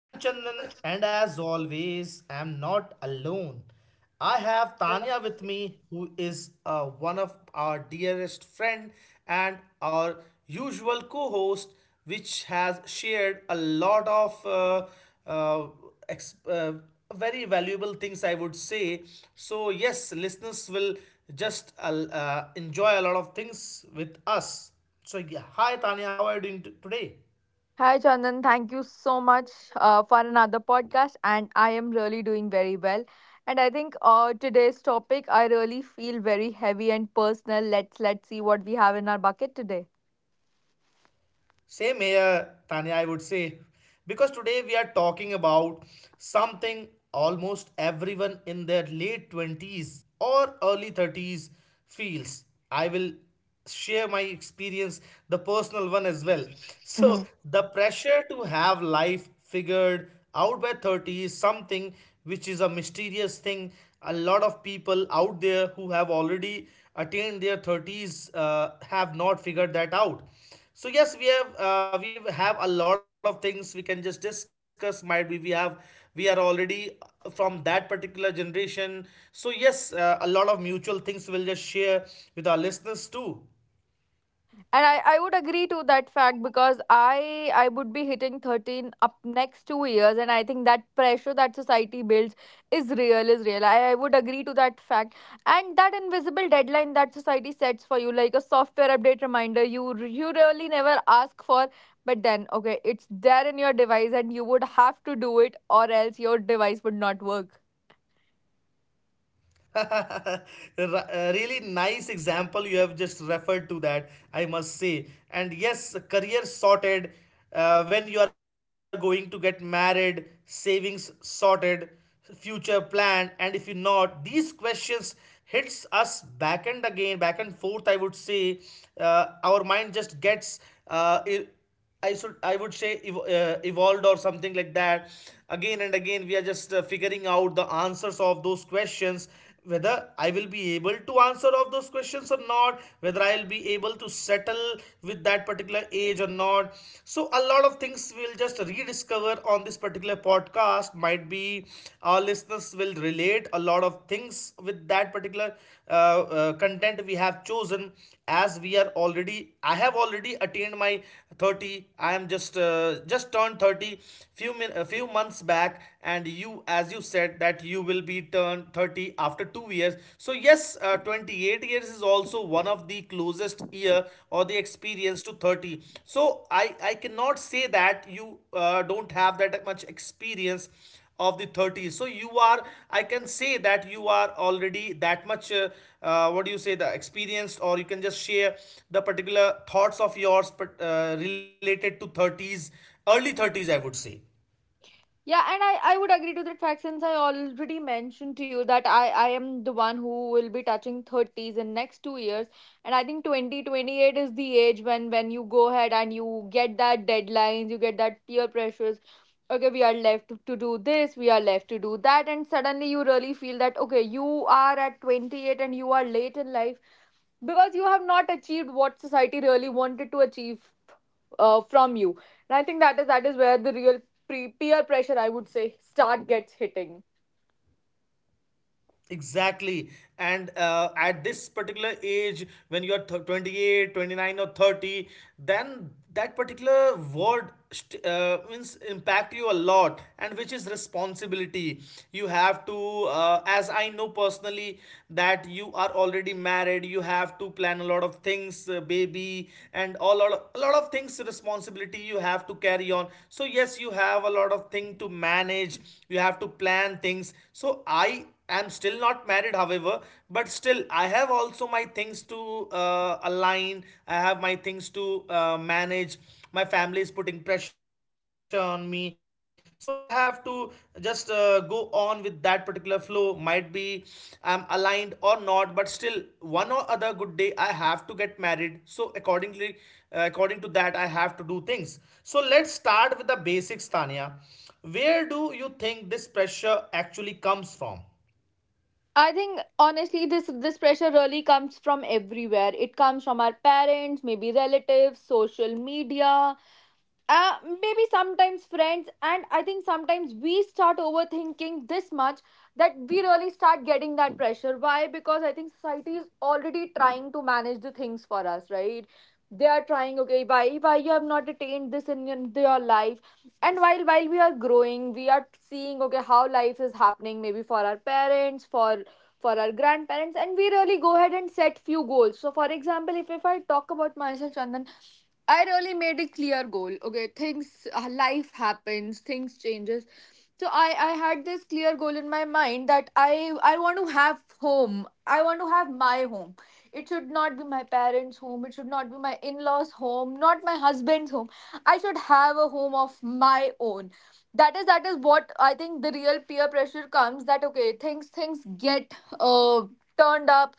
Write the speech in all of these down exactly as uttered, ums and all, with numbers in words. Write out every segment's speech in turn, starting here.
I'm Chandan, and as always, I'm not alone. I have Tanya with me, who is uh, one of our dearest friend and our usual co-host, which has shared a lot of uh, uh, ex- uh, very valuable things, I would say. So yes, listeners will just uh, uh, enjoy a lot of things with us. So, yeah, hi Tanya, how are you doing today? Hi, Chandan. Thank you so much uh, for another podcast. And I am really doing very well. And I think uh, today's topic, I really feel very heavy and personal. Let's let's see what we have in our bucket today. Same here, Tanya, I would say. Because today we are talking about something almost everyone in their late twenties or early thirties feels. I will share my experience, the personal one as well. So, the pressure to have life figured out by thirty is something which is a mysterious thing. A lot of people out there who have already attained their thirties uh, have not figured that out. So yes, we have uh, we have a lot of things we can just discuss. Might be we have we are already from that particular generation. So yes, uh, a lot of mutual things we'll just share with our listeners too. And I, I would agree to that fact, because I I would be hitting thirteen up next two years, and I think that pressure that society builds is real, is real. I, I would agree to that fact. And that invisible deadline that society sets for you, like a software update reminder you r- you really never ask for, but then, okay, it's there in your device and you would have to do it, or else your device would not work. Ra- uh, Really nice example you have just referred to, that I must say. And yes, career sorted, uh, when you are going to get married, savings sorted, future plan, and if you not, these questions hits us back and again, back and forth, I would say. Uh, our mind just gets uh, i- I should I would say ev- uh, evolved or something like that. Again and again, we are just uh, figuring out the answers of those questions. Whether I will be able to answer of those questions or not, whether I will be able to settle with that particular age or not. So a lot of things we'll just rediscover on this particular podcast. Might be our listeners will relate a lot of things with that particular uh, uh, content we have chosen. As we are already I have already attained my thirty. I am just uh, just turned thirty few min- a few months back. And you, as you said that you will be turned thirty after two years, so yes, uh, twenty-eight years is also one of the closest year or the experience to thirty. So i i cannot say that you uh, don't have that much experience of the thirties. So you are I can say that you are already that much uh, uh, what do you say, the experienced, or you can just share the particular thoughts of yours, but, uh, related to thirties, early thirties, I would say. Yeah, and I, I would agree to that fact, since I already mentioned to you that I, I am the one who will be touching thirties in next two years. And I think twenty twenty eight is the age when, when you go ahead and you get that deadlines, you get that peer pressures. Okay, we are left to do this, we are left to do that. And suddenly you really feel that, okay, you are at twenty-eight and you are late in life because you have not achieved what society really wanted to achieve uh, from you. And I think that is that is where the real pre- peer pressure, I would say, start gets hitting. Exactly. And uh, at this particular age when you're th- twenty-eight, twenty-nine, or thirty, then that particular word st- uh, means impact you a lot, and which is responsibility you have to, uh, as I know personally, that you are already married. You have to plan a lot of things, uh, baby and all, lot of- a lot of things, responsibility you have to carry on. So yes, you have a lot of thing to manage, you have to plan things. So i I'm still not married, however, but still, I have also my things to uh, align. I have my things to uh, manage. My family is putting pressure on me. So I have to just uh, go on with that particular flow. Might be I'm aligned or not, but still, one or other good day, I have to get married. So, accordingly, uh, according to that, I have to do things. So, let's start with the basics, Tanya. Where do you think this pressure actually comes from? I think, honestly, this this pressure really comes from everywhere. It comes from our parents, maybe relatives, social media, uh maybe sometimes friends. And I think sometimes we start overthinking this much, that we really start getting that pressure. Why? Because I think society is already trying to manage the things for us, right? They are trying, okay, why why you have not attained this in your, your life. And while while we are growing, we are seeing, okay, how life is happening, maybe for our parents, for for our grandparents, and we really go ahead and set few goals. So, for example, if if I talk about myself, Chandan, I really made a clear goal. Okay, things, uh, life happens, things changes. So I I had this clear goal in my mind, that I I want to have home. I want to have my home. It should not be my parents' home. It should not be my in-laws' home, not my husband's home. I should have a home of my own. That is that is what I think the real peer pressure comes, that okay, things things get uh turned up.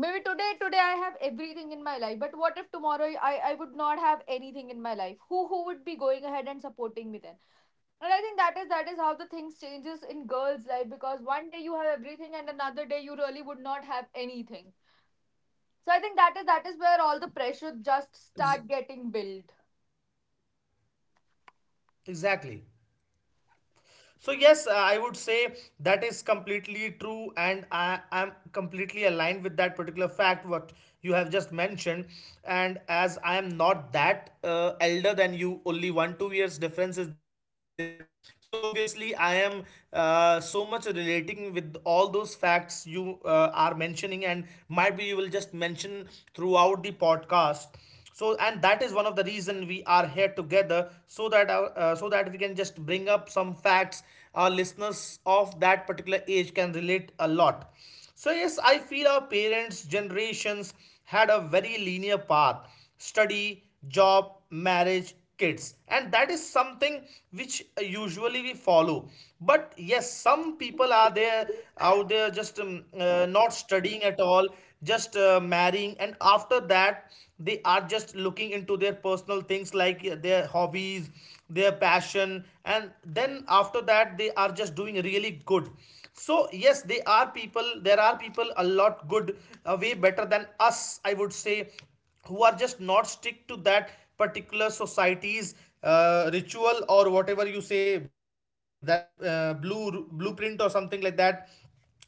Maybe today, today, I have everything in my life. But what if tomorrow I, I would not have anything in my life? Who who would be going ahead and supporting me then? And I think that is that is how the things changes in girls' life, because one day you have everything and another day you really would not have anything. So I think that is that is where all the pressure just start getting built. Exactly. So yes, uh, I would say that is completely true, and I am completely aligned with that particular fact what you have just mentioned. And as I am not that uh, elder than you, only one two years difference is there. So obviously, I am uh, so much relating with all those facts you uh, are mentioning, and might be you will just mention throughout the podcast. So, and that is one of the reason we are here together, so that our, uh, so that we can just bring up some facts, our listeners of that particular age can relate a lot. So yes, I feel our parents generations had a very linear path: study, job, marriage, kids. And that is something which usually we follow. But yes, some people are there out there, just um, uh, not studying at all, just uh, marrying, and after that they are just looking into their personal things like uh, their hobbies, their passion, and then after that they are just doing really good. So yes, they are people there are people a lot good, uh, way better than us, I would say, who are just not stick to that particular society's uh, ritual, or whatever you say, that uh, blue blueprint or something like that,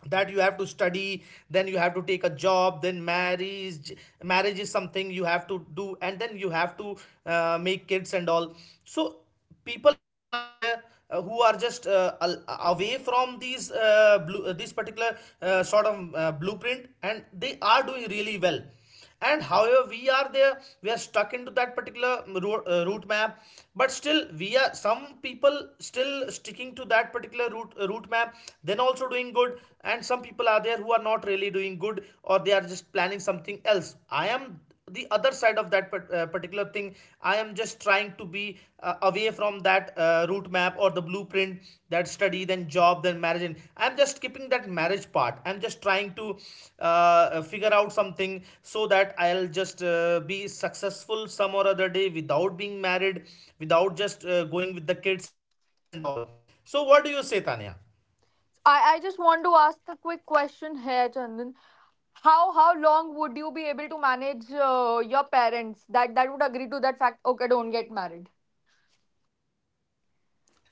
that you have to study, then you have to take a job, then marriage. Marriage is something you have to do, and then you have to uh, make kids and all. So people are there, uh, who are just uh, away from these uh, blue, uh, this particular uh, sort of uh, blueprint, and they are doing really well. And however, we are there we are stuck into that particular route, uh, route map. But still, we are some people still sticking to that particular route uh, route map, then also doing good. And some people are there who are not really doing good, or they are just planning something else. I am the other side of that uh, particular thing. I am just trying to be uh, away from that uh, route map or the blueprint, that study, then job, then marriage. And I'm just skipping that marriage part. I'm just trying to uh, uh, figure out something so that I'll just uh, be successful some or other day without being married, without just uh, going with the kids and all. So what do you say, Tanya? I, I just want to ask a quick question here, Chandan. How how long would you be able to manage uh, your parents, that that would agree to that fact? Okay, don't get married.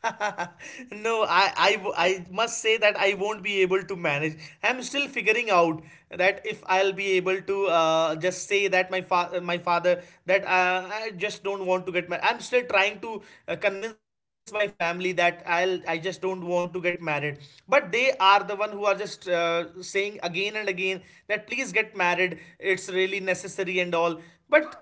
No, I, I, w- I must say that I won't be able to manage. I'm still figuring out that if I'll be able to uh, just say that my fa, my father, that uh, I just don't want to get married. I'm still trying to uh, convince my family that I'll, I just don't want to get married. But they are the one who are just uh, saying again and again that please get married. It's really necessary and all. But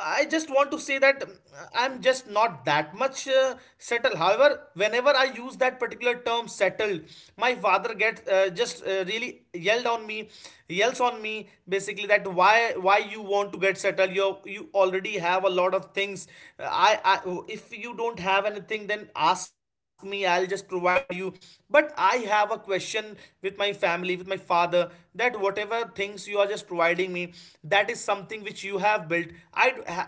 I just want to say that um, I'm just not that much uh, settled. However, whenever I use that particular term settled, my father gets uh, just uh, really yelled on me, yells on me basically, that why why you want to get settled? You you already have a lot of things. I, I If you don't have anything, then ask me. I'll just provide you. But I have have a question with my family, with my father, that whatever things you are just providing me, that is something which you have built. i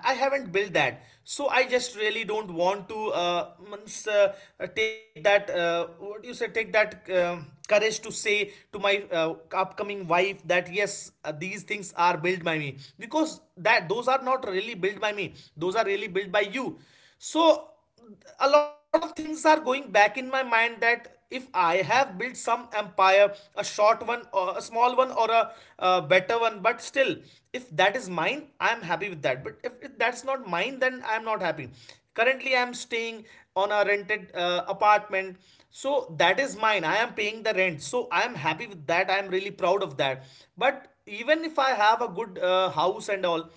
i haven't built that. So I just really don't want to uh, uh uh, take that uh, what do you say, take that um courage to say to my uh, upcoming wife that yes, uh, these things are built by me, because that those are not really built by me. Those are really built by you. So a lot of things are going back in my mind, that if I have built some empire, a short one, or a small one, or a uh, better one, but still, if that is mine, I am happy with that. But if, if that's not mine, then I am not happy. Currently, I am staying on a rented uh, apartment, so that is mine. I am paying the rent, so I am happy with that. I am really proud of that. But even if I have a good uh, house and all,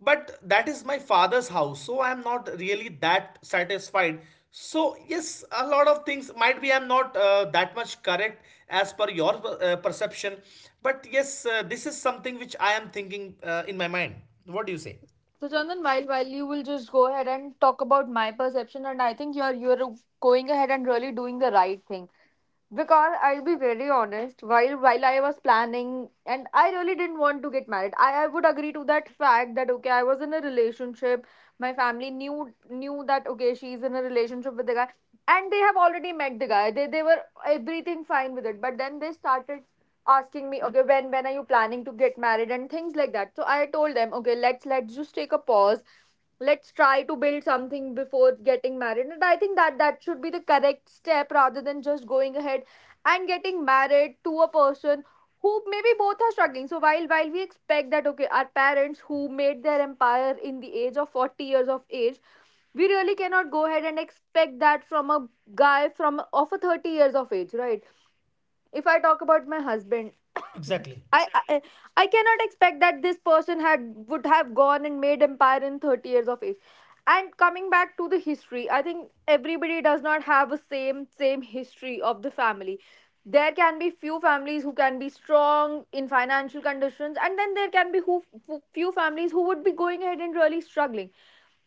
but that is my father's house, so I'm not really that satisfied. So, yes, a lot of things, might be I'm not uh, that much correct as per your uh, perception. But yes, uh, this is something which I am thinking uh, in my mind. What do you say? So, Chandan, while while you will just go ahead and talk about my perception, and I think you are you are going ahead and really doing the right thing. Because I'll be very honest, while while I was planning and I really didn't want to get married. I, I would agree to that fact that, okay, I was in a relationship. My family knew knew that, okay, she's in a relationship with the guy. And they have already met the guy. They they were everything fine with it. But then they started asking me, okay, when when are you planning to get married, and things like that. So I told them, okay, let's let's just take a pause, let's try to build something before getting married. And I think that that should be the correct step, rather than just going ahead and getting married to a person who maybe both are struggling. So while while we expect that, okay, our parents, who made their empire in the age of forty years of age, we really cannot go ahead and expect that from a guy from of a thirty years of age, right? If I talk about my husband, Exactly. I, I i cannot expect that this person had would have gone and made empire in thirty years of age. And coming back to the history, I think everybody does not have a same same history of the family. There can be few families who can be strong in financial conditions, and then there can be who, who- few families who would be going ahead and really struggling.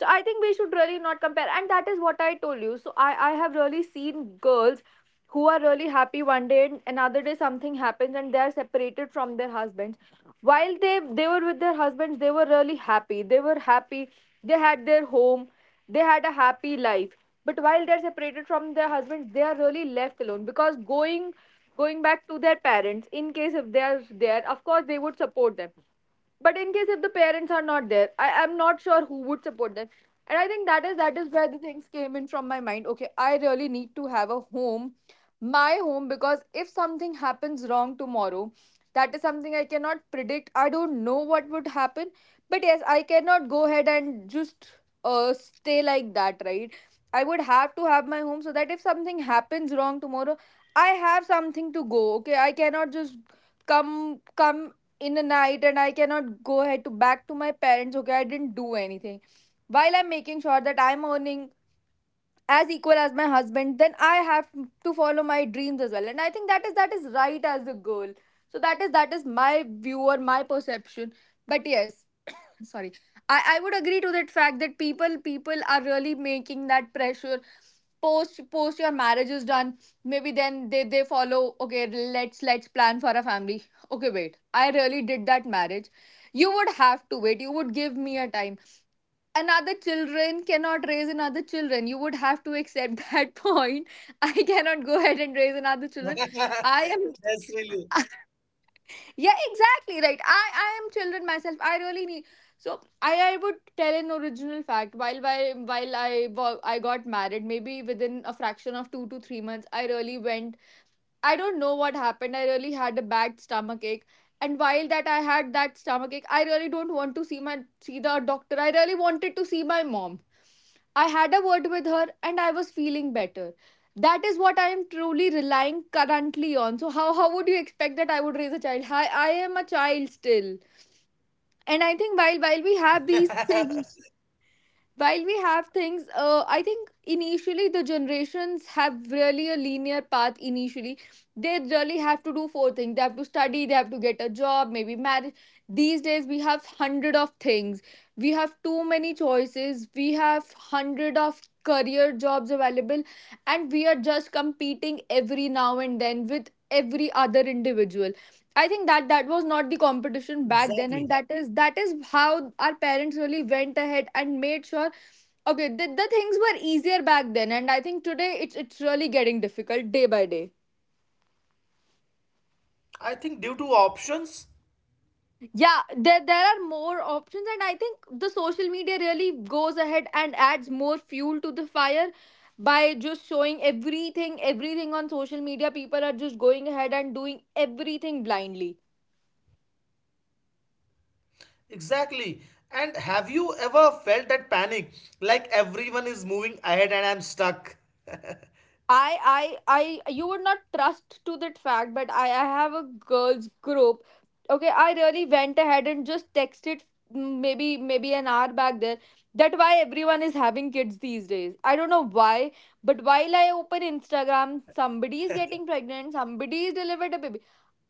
So I think we should really not compare, and that is what I told you. So i i have really seen girls who are really happy one day and another day something happens and they are separated from their husbands. While they they were with their husbands, they were really happy, they were happy. They had their home. They had a happy life. But while they're separated from their husbands, they are really left alone, because going going back to their parents, in case if they are there, of course they would support them. But in case if the parents are not there, I am not sure who would support them. And I think that is that is where the things came in from my mind. Okay, I really need to have a home, my home. Because if something happens wrong tomorrow, that is something I cannot predict. I don't know what would happen. But yes, I cannot go ahead and just uh, stay like that, right? I would have to have my home, so that if something happens wrong tomorrow, I have something to go. Okay, I cannot just come come in the night, and I cannot go ahead to back to my parents, okay, I didn't do anything. While I'm making sure that I'm earning as equal as my husband, then I have to follow my dreams as well. And I think that is that is right as a girl. So that is that is my view or my perception. But yes, sorry, i i would agree to that fact that people people are really making that pressure post post your marriage is done. Maybe then they they follow, okay, let's let's plan for a family. Okay, wait, I really did that marriage, you would have to wait, you would give me a time. Another children cannot raise another children, you would have to accept that point. I cannot go ahead and raise another children. I That's really. am. Yeah, exactly, right, i i am children myself, I really need. So i i would tell an original fact, while while while i wa- i got married maybe within a fraction of two to three months I really went. I don't know what happened. I really had a bad stomach ache. And while that I had that stomach ache, I really don't want to see my see the doctor. I really wanted to see my mom. I had a word with her and I was feeling better. That is what I am truly relying currently on. So how, how would you expect that I would raise a child? I, I am a child still. And I think while while we have these things, while we have things, uh, I think initially the generations have really a linear path initially. They really have to do four things: they have to study, they have to get a job, maybe marriage. These days we have hundred of things, we have too many choices, we have hundred of career jobs available, and we are just competing every now and then with every other individual. I think that that was not the competition back then, Exactly. and that is that is how our parents really went ahead and made sure. Okay, the, the things were easier back then, and I think today it's it's really getting difficult day by day. I think due to options. Yeah, there there are more options, and I think the social media really goes ahead and adds more fuel to the fire by just showing everything everything on social media. People are just going ahead and doing everything blindly. Exactly. And have you ever felt that panic? Like everyone is moving ahead and I'm stuck. I I I you would not trust to that fact, but I I have a girls group. Okay, I really went ahead and just texted, mm, maybe maybe an hour back there, that why everyone is having kids these days. I don't know why, but while I open Instagram, somebody is getting pregnant, somebody is delivered a baby.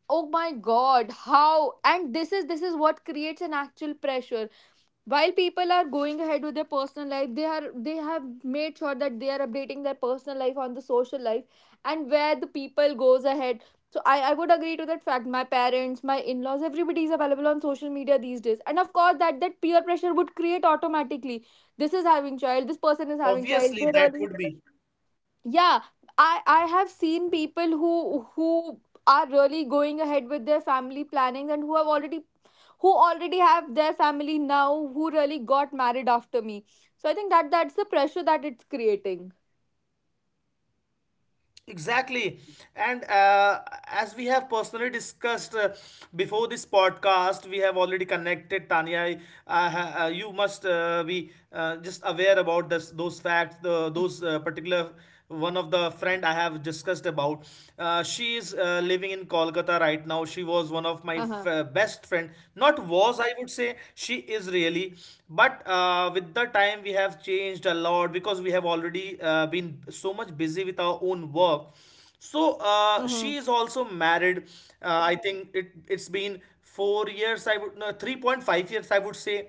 Oh my god, how? And this is this is what creates an actual pressure while people are going ahead with their personal life they are they have made sure that they are updating their personal life on the social life and where the people goes ahead. So i i would agree to that fact. My parents, my in-laws, everybody is available on social media these days, and of course that that peer pressure would create automatically. This is having child, this person is having child, Obviously, they that really. would be. Yeah, i i have seen people who who are really going ahead with their family plannings and who have already, who already have their family now, who really got married after me. So I think that that's the pressure that it's creating. Exactly. And uh, as we have personally discussed uh, before this podcast, we have already connected, Tanya. Uh, ha- uh, you must uh, be uh, just aware about this, those facts, the, those uh, particular one of the friend I have discussed about. Uh, she is uh, living in Kolkata right now. She was one of my Uh-huh. f- uh, best friend. Not was, I would say. She is really. But uh, with the time, we have changed a lot because we have already uh, been so much busy busy with our own work. So uh, Mm-hmm. she is also married. uh, I think it it's been four years, I would, no, three point five years I would say.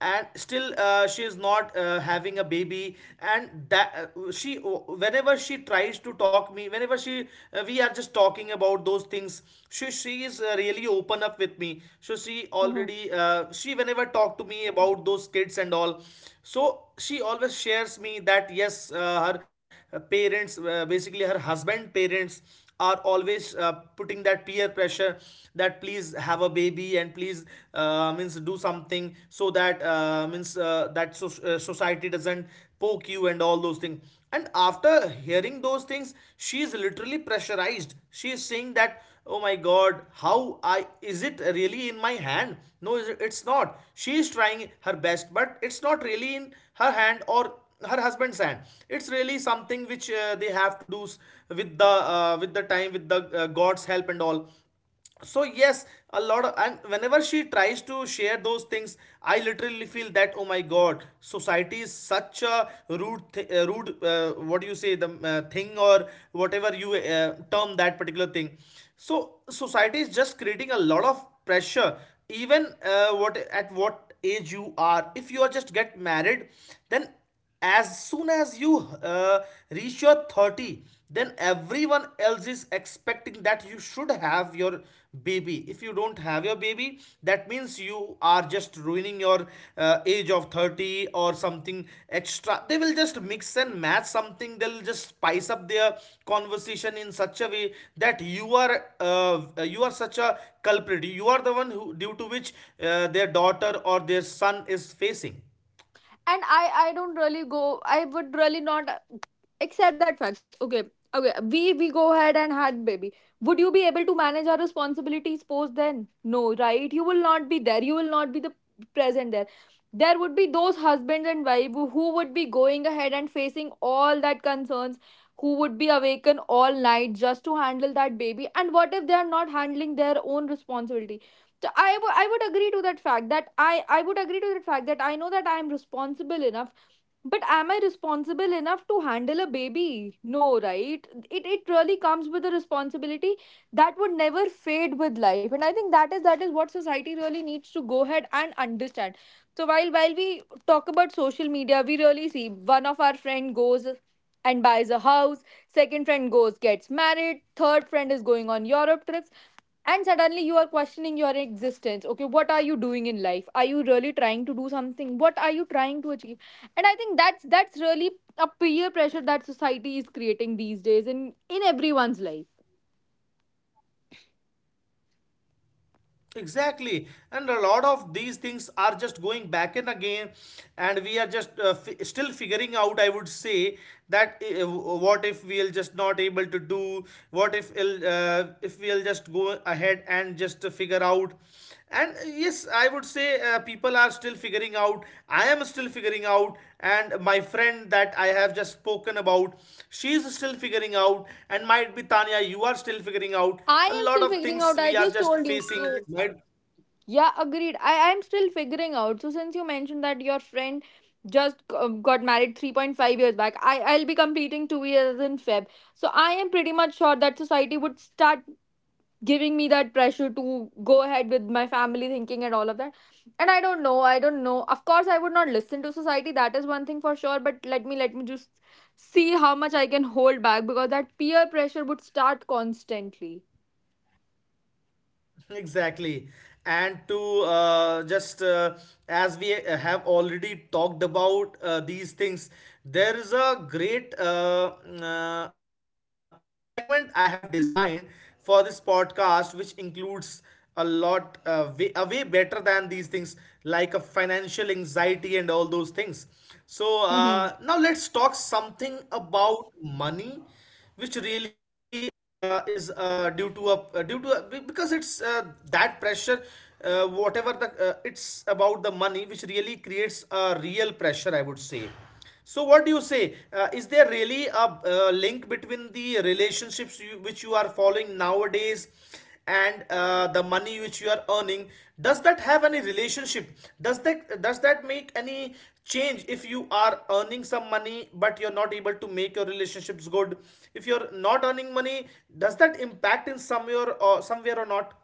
And still uh, she is not uh, having a baby. And that uh, she uh, whenever she tries to talk me, whenever she uh, we are just talking about those things, she she is uh, really open up with me. So she Mm-hmm. already uh, she whenever talk to me about those kids and all. So she always shares me that yes, uh, uh, her uh, parents, uh, basically her husband parents are always uh, putting that peer pressure, that please have a baby and please uh, means do something so that uh, means uh, that so- uh, society doesn't poke you and all those things. And after hearing those things, she is literally pressurized. She is saying that, oh my god, how I, is it really in my hand? No, it's not. She is trying her best, but it's not really in her hand or her husband's hand. It's really something which uh, they have to do with the uh, with the time, with the uh, god's help and all. So yes, a lot of, and whenever she tries to share those things, I literally feel that, oh my god, society is such a rude th- uh, rude uh, what do you say, the uh, thing or whatever you uh, term that particular thing. So society is just creating a lot of pressure, even uh, what, at what age you are, if you are just get married, then as soon as you uh, reach your thirty, then everyone else is expecting that you should have your baby. If you don't have your baby, that means you are just ruining your uh, age of thirty, or something extra they will just mix and match, something they'll just spice up their conversation in such a way that you are uh, you are such a culprit, you are the one who, due to which uh, their daughter or their son is facing. And i i don't really go, I would really not uh, accept that fact. Okay, okay we we go ahead and had baby, would you be able to manage our responsibilities post then? No, right? You will not be there, you will not be the present there. There would be those husbands and wife who who would be going ahead and facing all that concerns, who would be awakened all night just to handle that baby. And what if they are not handling their own responsibilities? t- I wou- I would agree to that fact that I, I would agree to that fact that I know that I am responsible enough, but am I responsible enough to handle a baby? No, right? It it really comes with a responsibility that would never fade with life. And I think that is that is what society really needs to go ahead and understand. So while while we talk about social media, we really see one of our friend goes and buys a house, second friend goes gets married, third friend is going on Europe trips, and suddenly you are questioning your existence. Okay, what are you doing in life, are you really trying to do something, what are you trying to achieve? And I think that's that's really a peer pressure that society is creating these days in in everyone's life. Exactly, and a lot of these things are just going back and again, and we are just uh, fi- still figuring out, I would say. That uh, what if we'll just not able to do? What if it'll, uh, if we'll just go ahead and just uh, figure out? And uh, yes, I would say uh, people are still figuring out. I am still figuring out, and my friend that I have just spoken about, she's still figuring out, and might be Tanya, you are still figuring out. I A am still lot of figuring things out. I we are just just told you facing, so. right? Yeah, agreed, i i'm still figuring out. So since you mentioned that your friend just g- um, got married three point five years back, i i'll be completing two years in Feb, so I am pretty much sure that society would start giving me that pressure to go ahead with my family thinking and all of that. And i don't know i don't know, of course I would not listen to society, that is one thing for sure, but let me let me just see how much I can hold back, because that peer pressure would start constantly. Exactly. And to uh, just uh, as we uh, have already talked about uh, these things, there is a great uh, uh, segment I have designed for this podcast, which includes a lot, uh, way, a way better than these things, like a financial anxiety and all those things. So Hmm. uh, now let's talk something about money, which really uh, is uh, due to a uh, due to a, because it's uh, that pressure. Uh, whatever the uh, it's about the money, which really creates a real pressure, I would say. So what do you say, uh, is there really a uh, link between the relationships you, which you are following nowadays, and uh, the money which you are earning? Does that have any relationship? Does that does that make any change? If you are earning some money but you're not able to make your relationships good, if you're not earning money, does that impact in some way, or, or somewhere, or not?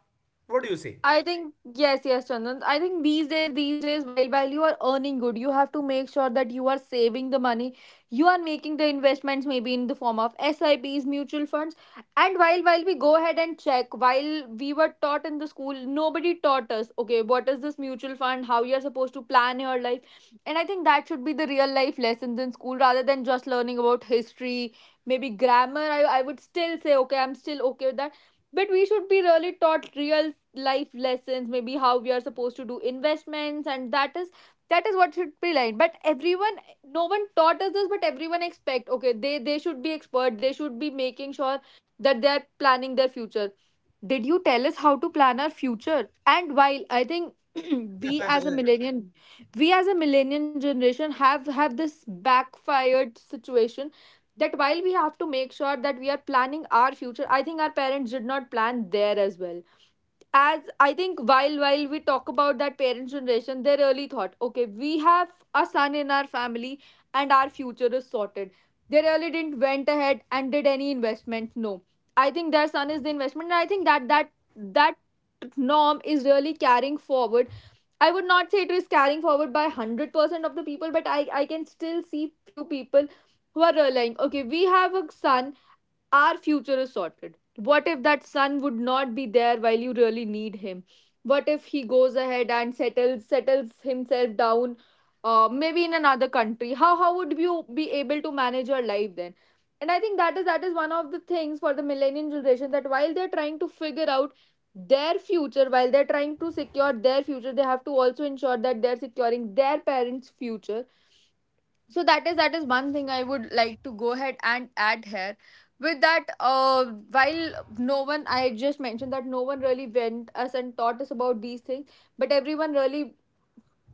What do you say? I think yes, yes, Chandan. I think these days, these days, while while you are earning good, you have to make sure that you are saving the money. You are making the investments maybe in the form of S I Ps, mutual funds. And while while we go ahead and check, while we were taught in the school, nobody taught us, okay, what is this mutual fund, how you're supposed to plan your life. And I think that should be the real life lessons in school rather than just learning about history, maybe grammar. I, I would still say, okay, I'm still okay with that, but we should be really taught real life lessons, maybe how we are supposed to do investments, and that is that is what should be like. But everyone, no one taught us this, but everyone expect, okay they they should be expert, they should be making sure that they are planning their future. Did you tell us how to plan our future? And while I think we as a millennial, we as a millennial generation have have this backfired situation that while we have to make sure that we are planning our future, I think our parents did not plan there as well. As I think while while we talk about that parents generation, they really thought, okay, we have a son in our family and our future is sorted. They really didn't went ahead and did any investments. No, I think their son is the investment, and I think that that that norm is really carrying forward. I would not say it is carrying forward by one hundred percent of the people, but I I can still see few people who are relying. Okay, we have a son, our future is sorted. What if that son would not be there while you really need him? What if he goes ahead and settles settles himself down, uh, maybe in another country? How how would you be able to manage your life then? And I think that is that is one of the things for the millennial generation that while they're trying to figure out their future, while they're trying to secure their future, they have to also ensure that they're securing their parents' future. So that is that is one thing I would like to go ahead and add here. With that, uh while no one, I just mentioned that no one really went us and taught us about these things, but everyone really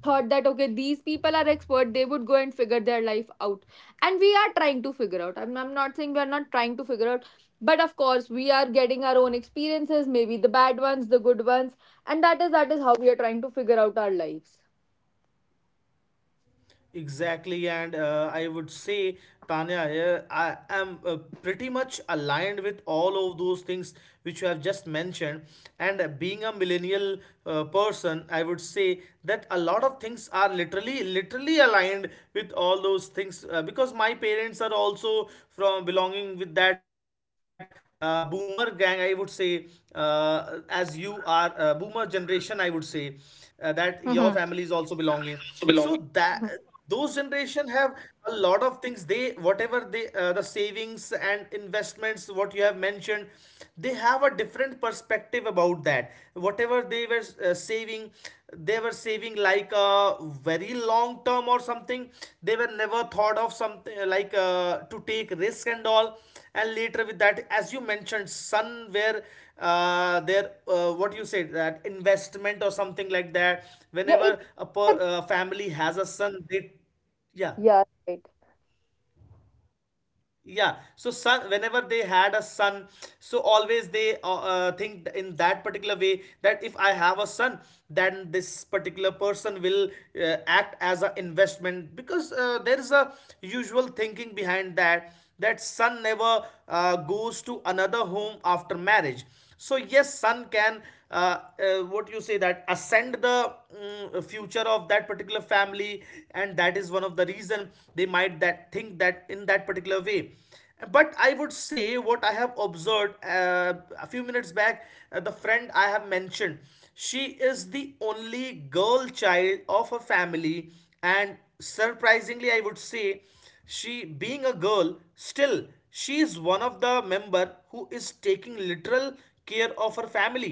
thought that okay these people are expert, they would go and figure their life out. And we are trying to figure out, i'm, I'm not saying we are not trying to figure out, but of course we are getting our own experiences, maybe the bad ones, the good ones, and that is that is how we are trying to figure out our lives. Exactly, and uh, I would say, Tanya, here I am uh, pretty much aligned with all of those things which you have just mentioned. And uh, being a millennial uh, person, I would say that a lot of things are literally, literally aligned with all those things, uh, because my parents are also from belonging with that uh, boomer gang, I would say. Uh, as you are uh, boomer generation, I would say uh, that your family is Hmm. also belonging. So that those generation have a lot of things, they, whatever they, uh, the savings and investments what you have mentioned, they have a different perspective about that. Whatever they were uh, saving, they were saving like a very long term or something something. They were never thought of something uh, like uh, to take risk and all. And later with that, as you mentioned, sun, where uh, their uh, what you said, that investment or something like that, Yeah, it. whenever a per, uh, family has a son, they, yeah. Yeah, right. Yeah, so son, whenever they had a son, so always they uh, uh, think in that particular way that, if I have a son, then this particular person will uh, act as an investment, because uh, there is a usual thinking behind that, that son never uh, goes to another home after marriage. So yes, son can uh, uh, what you say, that ascend the mm, future of that particular family, and that is one of the reason they might that think that in that particular way. But I would say, what I have observed, uh, a few minutes back, uh, the friend I have mentioned, she is the only girl child of her family. And surprisingly, I would say, she being a girl, still, she is one of the member who is taking literal care of her family,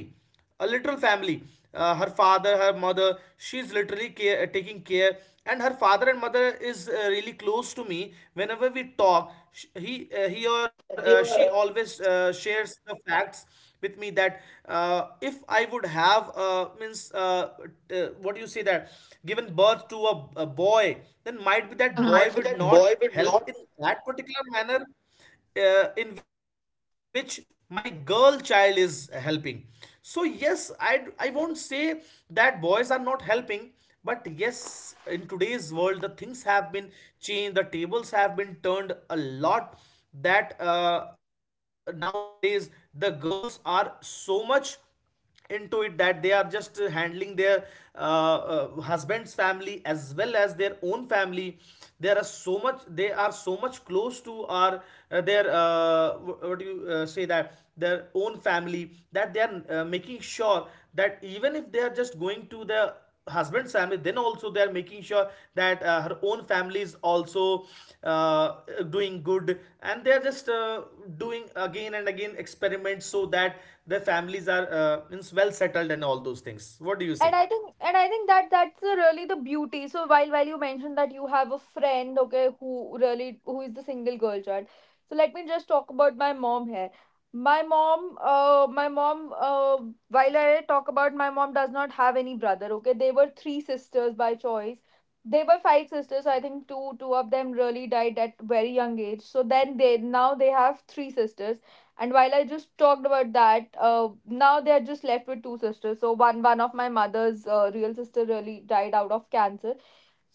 a literal family, uh, her father, her mother. She is literally care, uh, taking care, and her father and mother is uh, really close to me. Whenever we talk, sh- he uh, he or uh, Your she uh, always uh, shares the facts with me, that uh, if I would have uh, means uh, t- what do you say that, given birth to a, a boy, then might be that uh-huh, boy heart with would that not boy would help not. in that particular manner uh, in which my girl child is helping. So yes, I I won't say that boys are not helping, but yes, in today's world, the things have been changed, the tables have been turned a lot. That uh, nowadays the girls are so much into it that they are just uh, handling their uh, uh, husband's family as well as their own family. There are so much, they are so much close to our uh, their uh, wh- what do you uh, say, that their own family, that they are uh, making sure that, even if they are just going to the husband's family, then also they are making sure that uh, her own family is also uh, doing good, and they are just uh, doing again and again experiments so that their families are uh, means well settled and all those things, And I what do you think, say. and i think that that's the, really the beauty. So while while you mentioned that you have a friend, okay, who really, who is the single girl child, so let me just talk about my mom here. My mom uh my mom uh while I talk about my mom, does not have any brother. Okay, they were three sisters by choice, they were five sisters, so I think two two of them really died at very young age, so then they now they have three sisters. And while I just talked about that, uh, now they are just left with two sisters. So one one of my mother's uh, real sister really died out of cancer.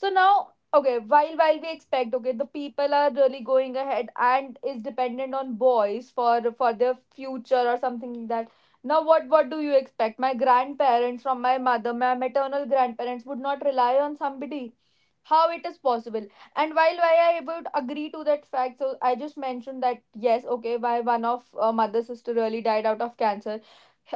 So now, okay, while while we expect, okay, the people are really going ahead and is dependent on boys for for their future or something like that. Now, what what do you expect? My grandparents from my mother, my maternal grandparents would not rely on somebody. How it is possible? And while while I would agree to that fact, so I just mentioned that yes, okay, my one of uh, mother sister really died out of cancer.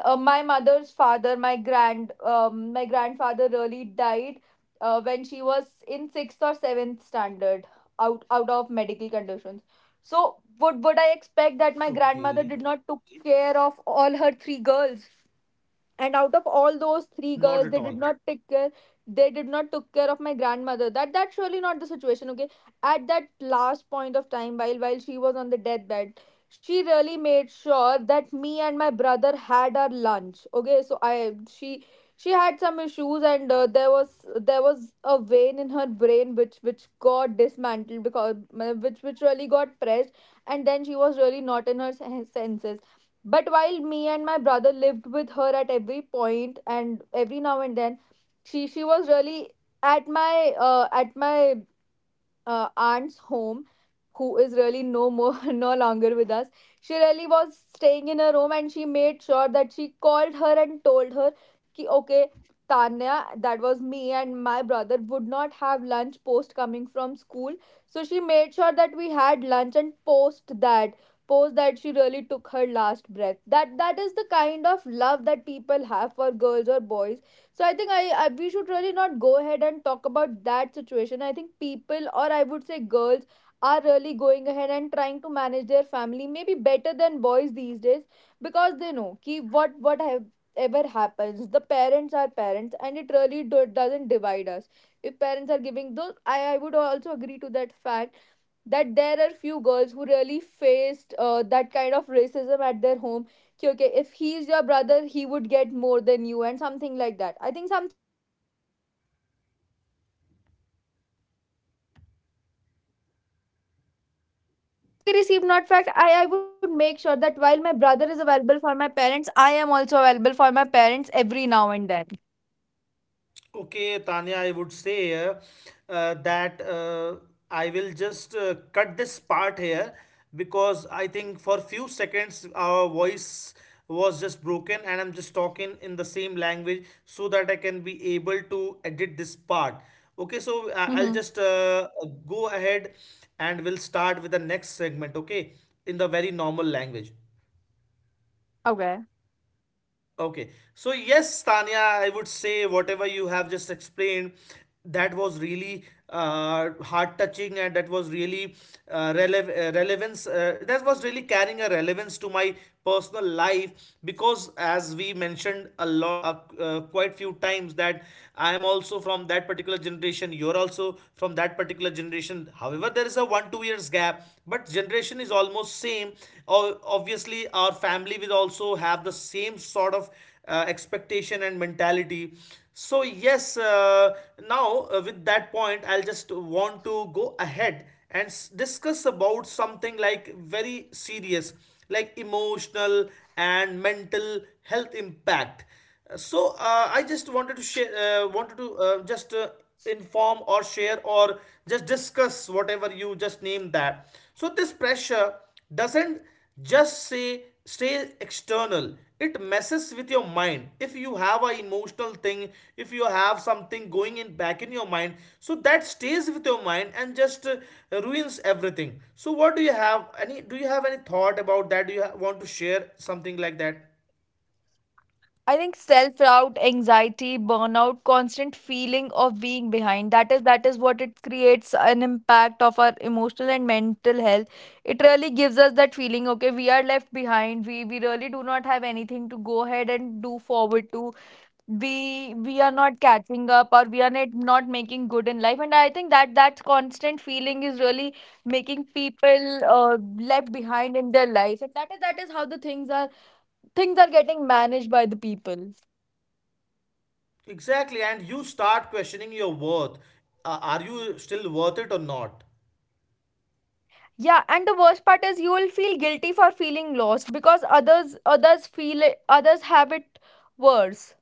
uh, My mother's father, my grand um, my grandfather really died uh, when she was in sixth or seventh standard out out of medical conditions. So would would I expect that my Okay. grandmother did not took care of all her three girls, and out of all those Not three at girls they all. did not take care, they did not took care of my grandmother? That that's surely not the situation. Okay, at that last point of time, while while she was on the deathbed, she really made sure that me and my brother had our lunch. Okay, so I she she had some issues, and uh, there was there was a vein in her brain which which got dismantled because uh, which which really got pressed, and then she was really not in her sen- senses. But while me and my brother lived with her at every point, and every now and then, she she was really at my uh, at my uh, aunt's home, who is really no more no longer with us. She really was staying in her room, and she made sure that she called her and told her ki, okay, Tanya, that was me and my brother would not have lunch post coming from school. So she made sure that we had lunch, and post that, post that she really took her last breath. That that is the kind of love that people have for girls or boys. So I think, I, I we should really not go ahead and talk about that situation. I think people, or I would say girls, are really going ahead and trying to manage their family maybe better than boys these days, because they know ki what what have ever happens, the parents are parents, and it really do, doesn't divide us. If parents are giving those, I, I would also agree to that fact that there are few girls who really faced uh, that kind of racism at their home. कि, okay, if he is your brother, he If not fact, I, I would make sure that while my brother is available for my parents, I am also available for my parents every now and then. Okay, Tanya, I would say uh, uh, that uh, I will just uh, cut this part here, because I think for few seconds our voice was just broken, and I'm just talking in the same language so that I can be able to edit this part. Okay, so I- I'll Hmm. just uh, go ahead, and we'll start with the next segment, okay, in the very normal language. Okay. Okay. So yes, Tanya, I would say, whatever you have just explained, that was really uh, heart touching, and that was really uh, relev- uh, relevance. Uh, that was really carrying a relevance to my personal life because, as we mentioned a lot, uh, uh, quite few times, that I am also from that particular generation. You're also from that particular generation. However, there is a one two years gap, but generation is almost same. O- obviously, our family will also have the same sort of uh, expectation and mentality. So yes, uh, now, uh, with that point, I'll just want to go ahead and s- discuss about something like very serious, like emotional and mental health impact. So uh, I just wanted to share, uh, wanted to uh, just uh, inform or share or just discuss whatever you just named that. So this pressure doesn't just say stay external. It messes with your mind. If you have a emotional thing, if you have something going in back in your mind, so that stays with your mind and just uh, ruins everything. So what do you have? Any? Do you have any thought about that? Do you ha- want to share something like that? I think self-doubt, anxiety, burnout, constant feeling of being behind, that is that is what it creates an impact of our emotional and mental health. It really gives us that feeling, okay, we are left behind, we we really do not have anything to go ahead and do forward to. We we are not catching up, or we are not not making good in life. And I think that that constant feeling is really making people uh, left behind in their lives, and that is that is how the things are. Things are getting managed by the people. Exactly, and you start questioning your worth. Uh, are you still worth it or not? Yeah. And the worst part is, you will feel guilty for feeling lost because others others feel it, others have it worse.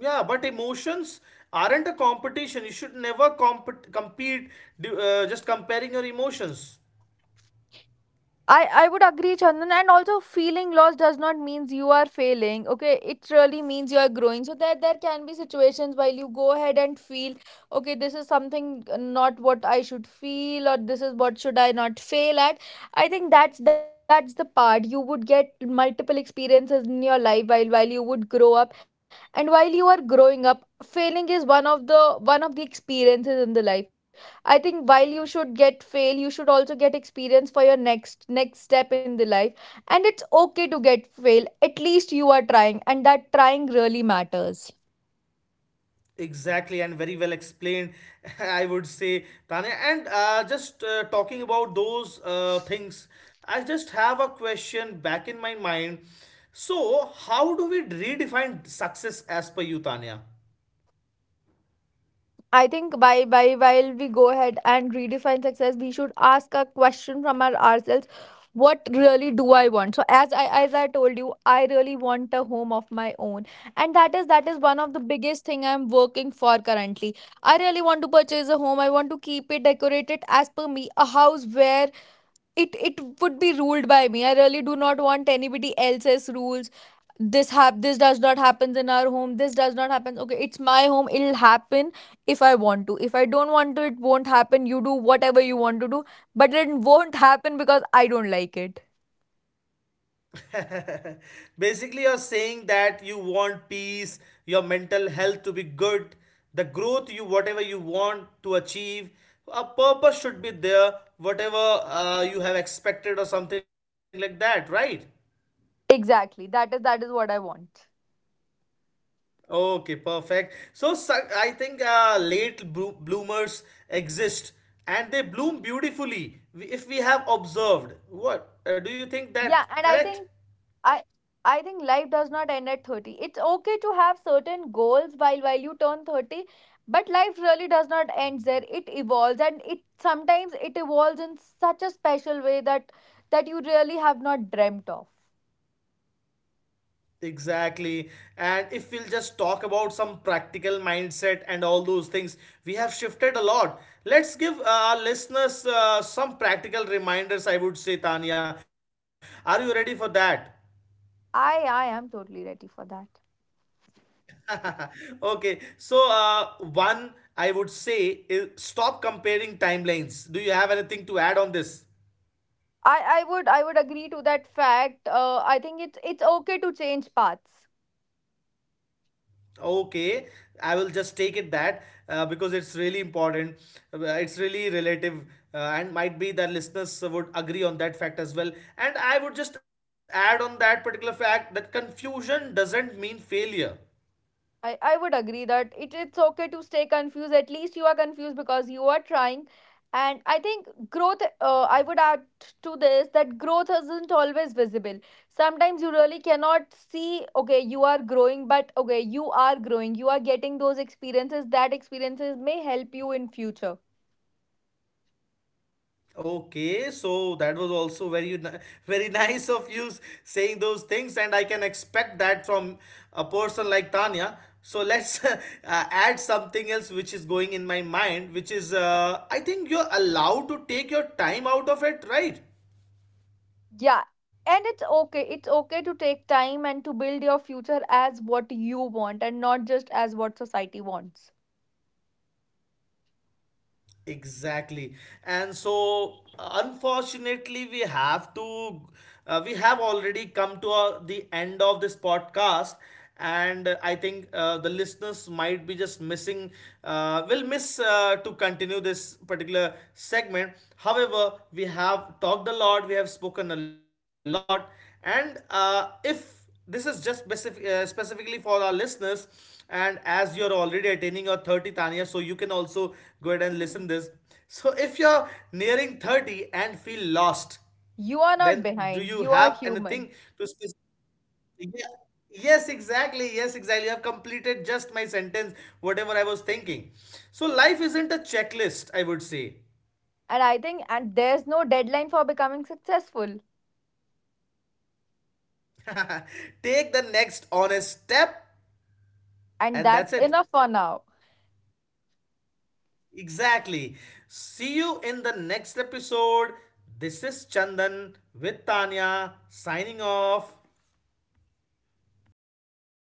Yeah, but emotions aren't a competition. You should never comp- compete, do- uh, just comparing your emotions. I, I would agree, Chandan. And also, feeling lost does not means you are failing. Okay, it really means you are growing. So there there can be situations while you go ahead and feel, okay, this is something not what I should feel, or this is what should I not fail at. I think that's that's the part. You would get multiple experiences in your life while while you would grow up, and while you are growing up, failing is one of the one of the experiences in the life. I think while you should get fail, you should also get experience for your next next step in the life. And it's okay to get fail. At least you are trying, and that trying really matters. Exactly, and very well explained, I would say, Tanya. And uh, just uh, talking about those uh, things, I just have a question back in my mind. So, how do we redefine success as per you, Tanya? I think by by while we go ahead and redefine success, we should ask a question from our ourselves. What really do I want? So as I as I told you, I really want a home of my own. And that is that is one of the biggest thing I'm working for currently. I really want to purchase a home. I want to keep it decorated as per me. A house where it it would be ruled by me. I really do not want anybody else's rules. this hap this does not happens in our home. This does not happen. Okay, it's my home, it'll happen if I want to. If I don't want to, it won't happen. You do whatever you want to do, but it won't happen because I don't like it. Basically, you're saying that you want peace, your mental health to be good, the growth you, whatever you want to achieve, a purpose should be there, whatever uh, you have expected or something like that, right? Exactly, that is that is what I want. Okay, perfect. So, so- I think uh, late blo- bloomers exist, and they bloom beautifully, if we have observed. What uh, do you think, that Yeah, and I correct? think I I think life does not end at thirty. It's okay to have certain goals while while you turn thirty, but life really does not end there. It evolves, and it sometimes it evolves in such a special way that that you really have not dreamt of. Exactly. And if we'll just talk about some practical mindset and all those things, we have shifted a lot. Let's give uh, our listeners uh, some practical reminders, I would say, Tanya. Are you ready for that? I I am totally ready for that. Okay. So, uh, one I would say is stop comparing timelines. Do you have anything to add on this? I I would I would agree to that fact. Uh, I think it's it's okay to change paths. Okay, I will just take it that uh, because it's really important. Uh, It's really relative, uh, and might be that listeners would agree on that fact as well. And I would just add on that particular fact that confusion doesn't mean failure. I, I would agree that it, it's okay to stay confused. At least you are confused because you are trying. And I think growth, uh, I would add to this that growth isn't always visible. Sometimes you really cannot see, okay, you are growing, but okay, you are growing. You are getting those experiences. That experiences may help you in future. Okay, so that was also very ni- very nice of you saying those things, and I can expect that from a person like Tanya. So let's uh, add something else which is going in my mind, which is uh, I think you're allowed to take your time out of it, right? Yeah. And it's okay. It's okay to take time and to build your future as what you want and not just as what society wants. Exactly. And so, unfortunately, we have to, uh, we have already come to uh, the end of this podcast. And uh, I think uh, the listeners might be just missing, uh, will miss uh, to continue this particular segment. However, we have talked a lot, we have spoken a lot. And uh, if this is just specific, uh, specifically for our listeners, and as you're already attaining your thirty, Tanya, so you can also go ahead and listen this. So if you're nearing thirty and feel lost, You are not then do behind. you You are have human. anything to specific? Yeah. Yes, exactly. Yes, exactly. You have completed just my sentence, whatever I was thinking. So, life isn't a checklist, I would say. And I think, and there's no deadline for becoming successful. Take the next honest step, And and that's that's it. enough for now. Exactly. See you in the next episode. This is Chandan with Tanya signing off.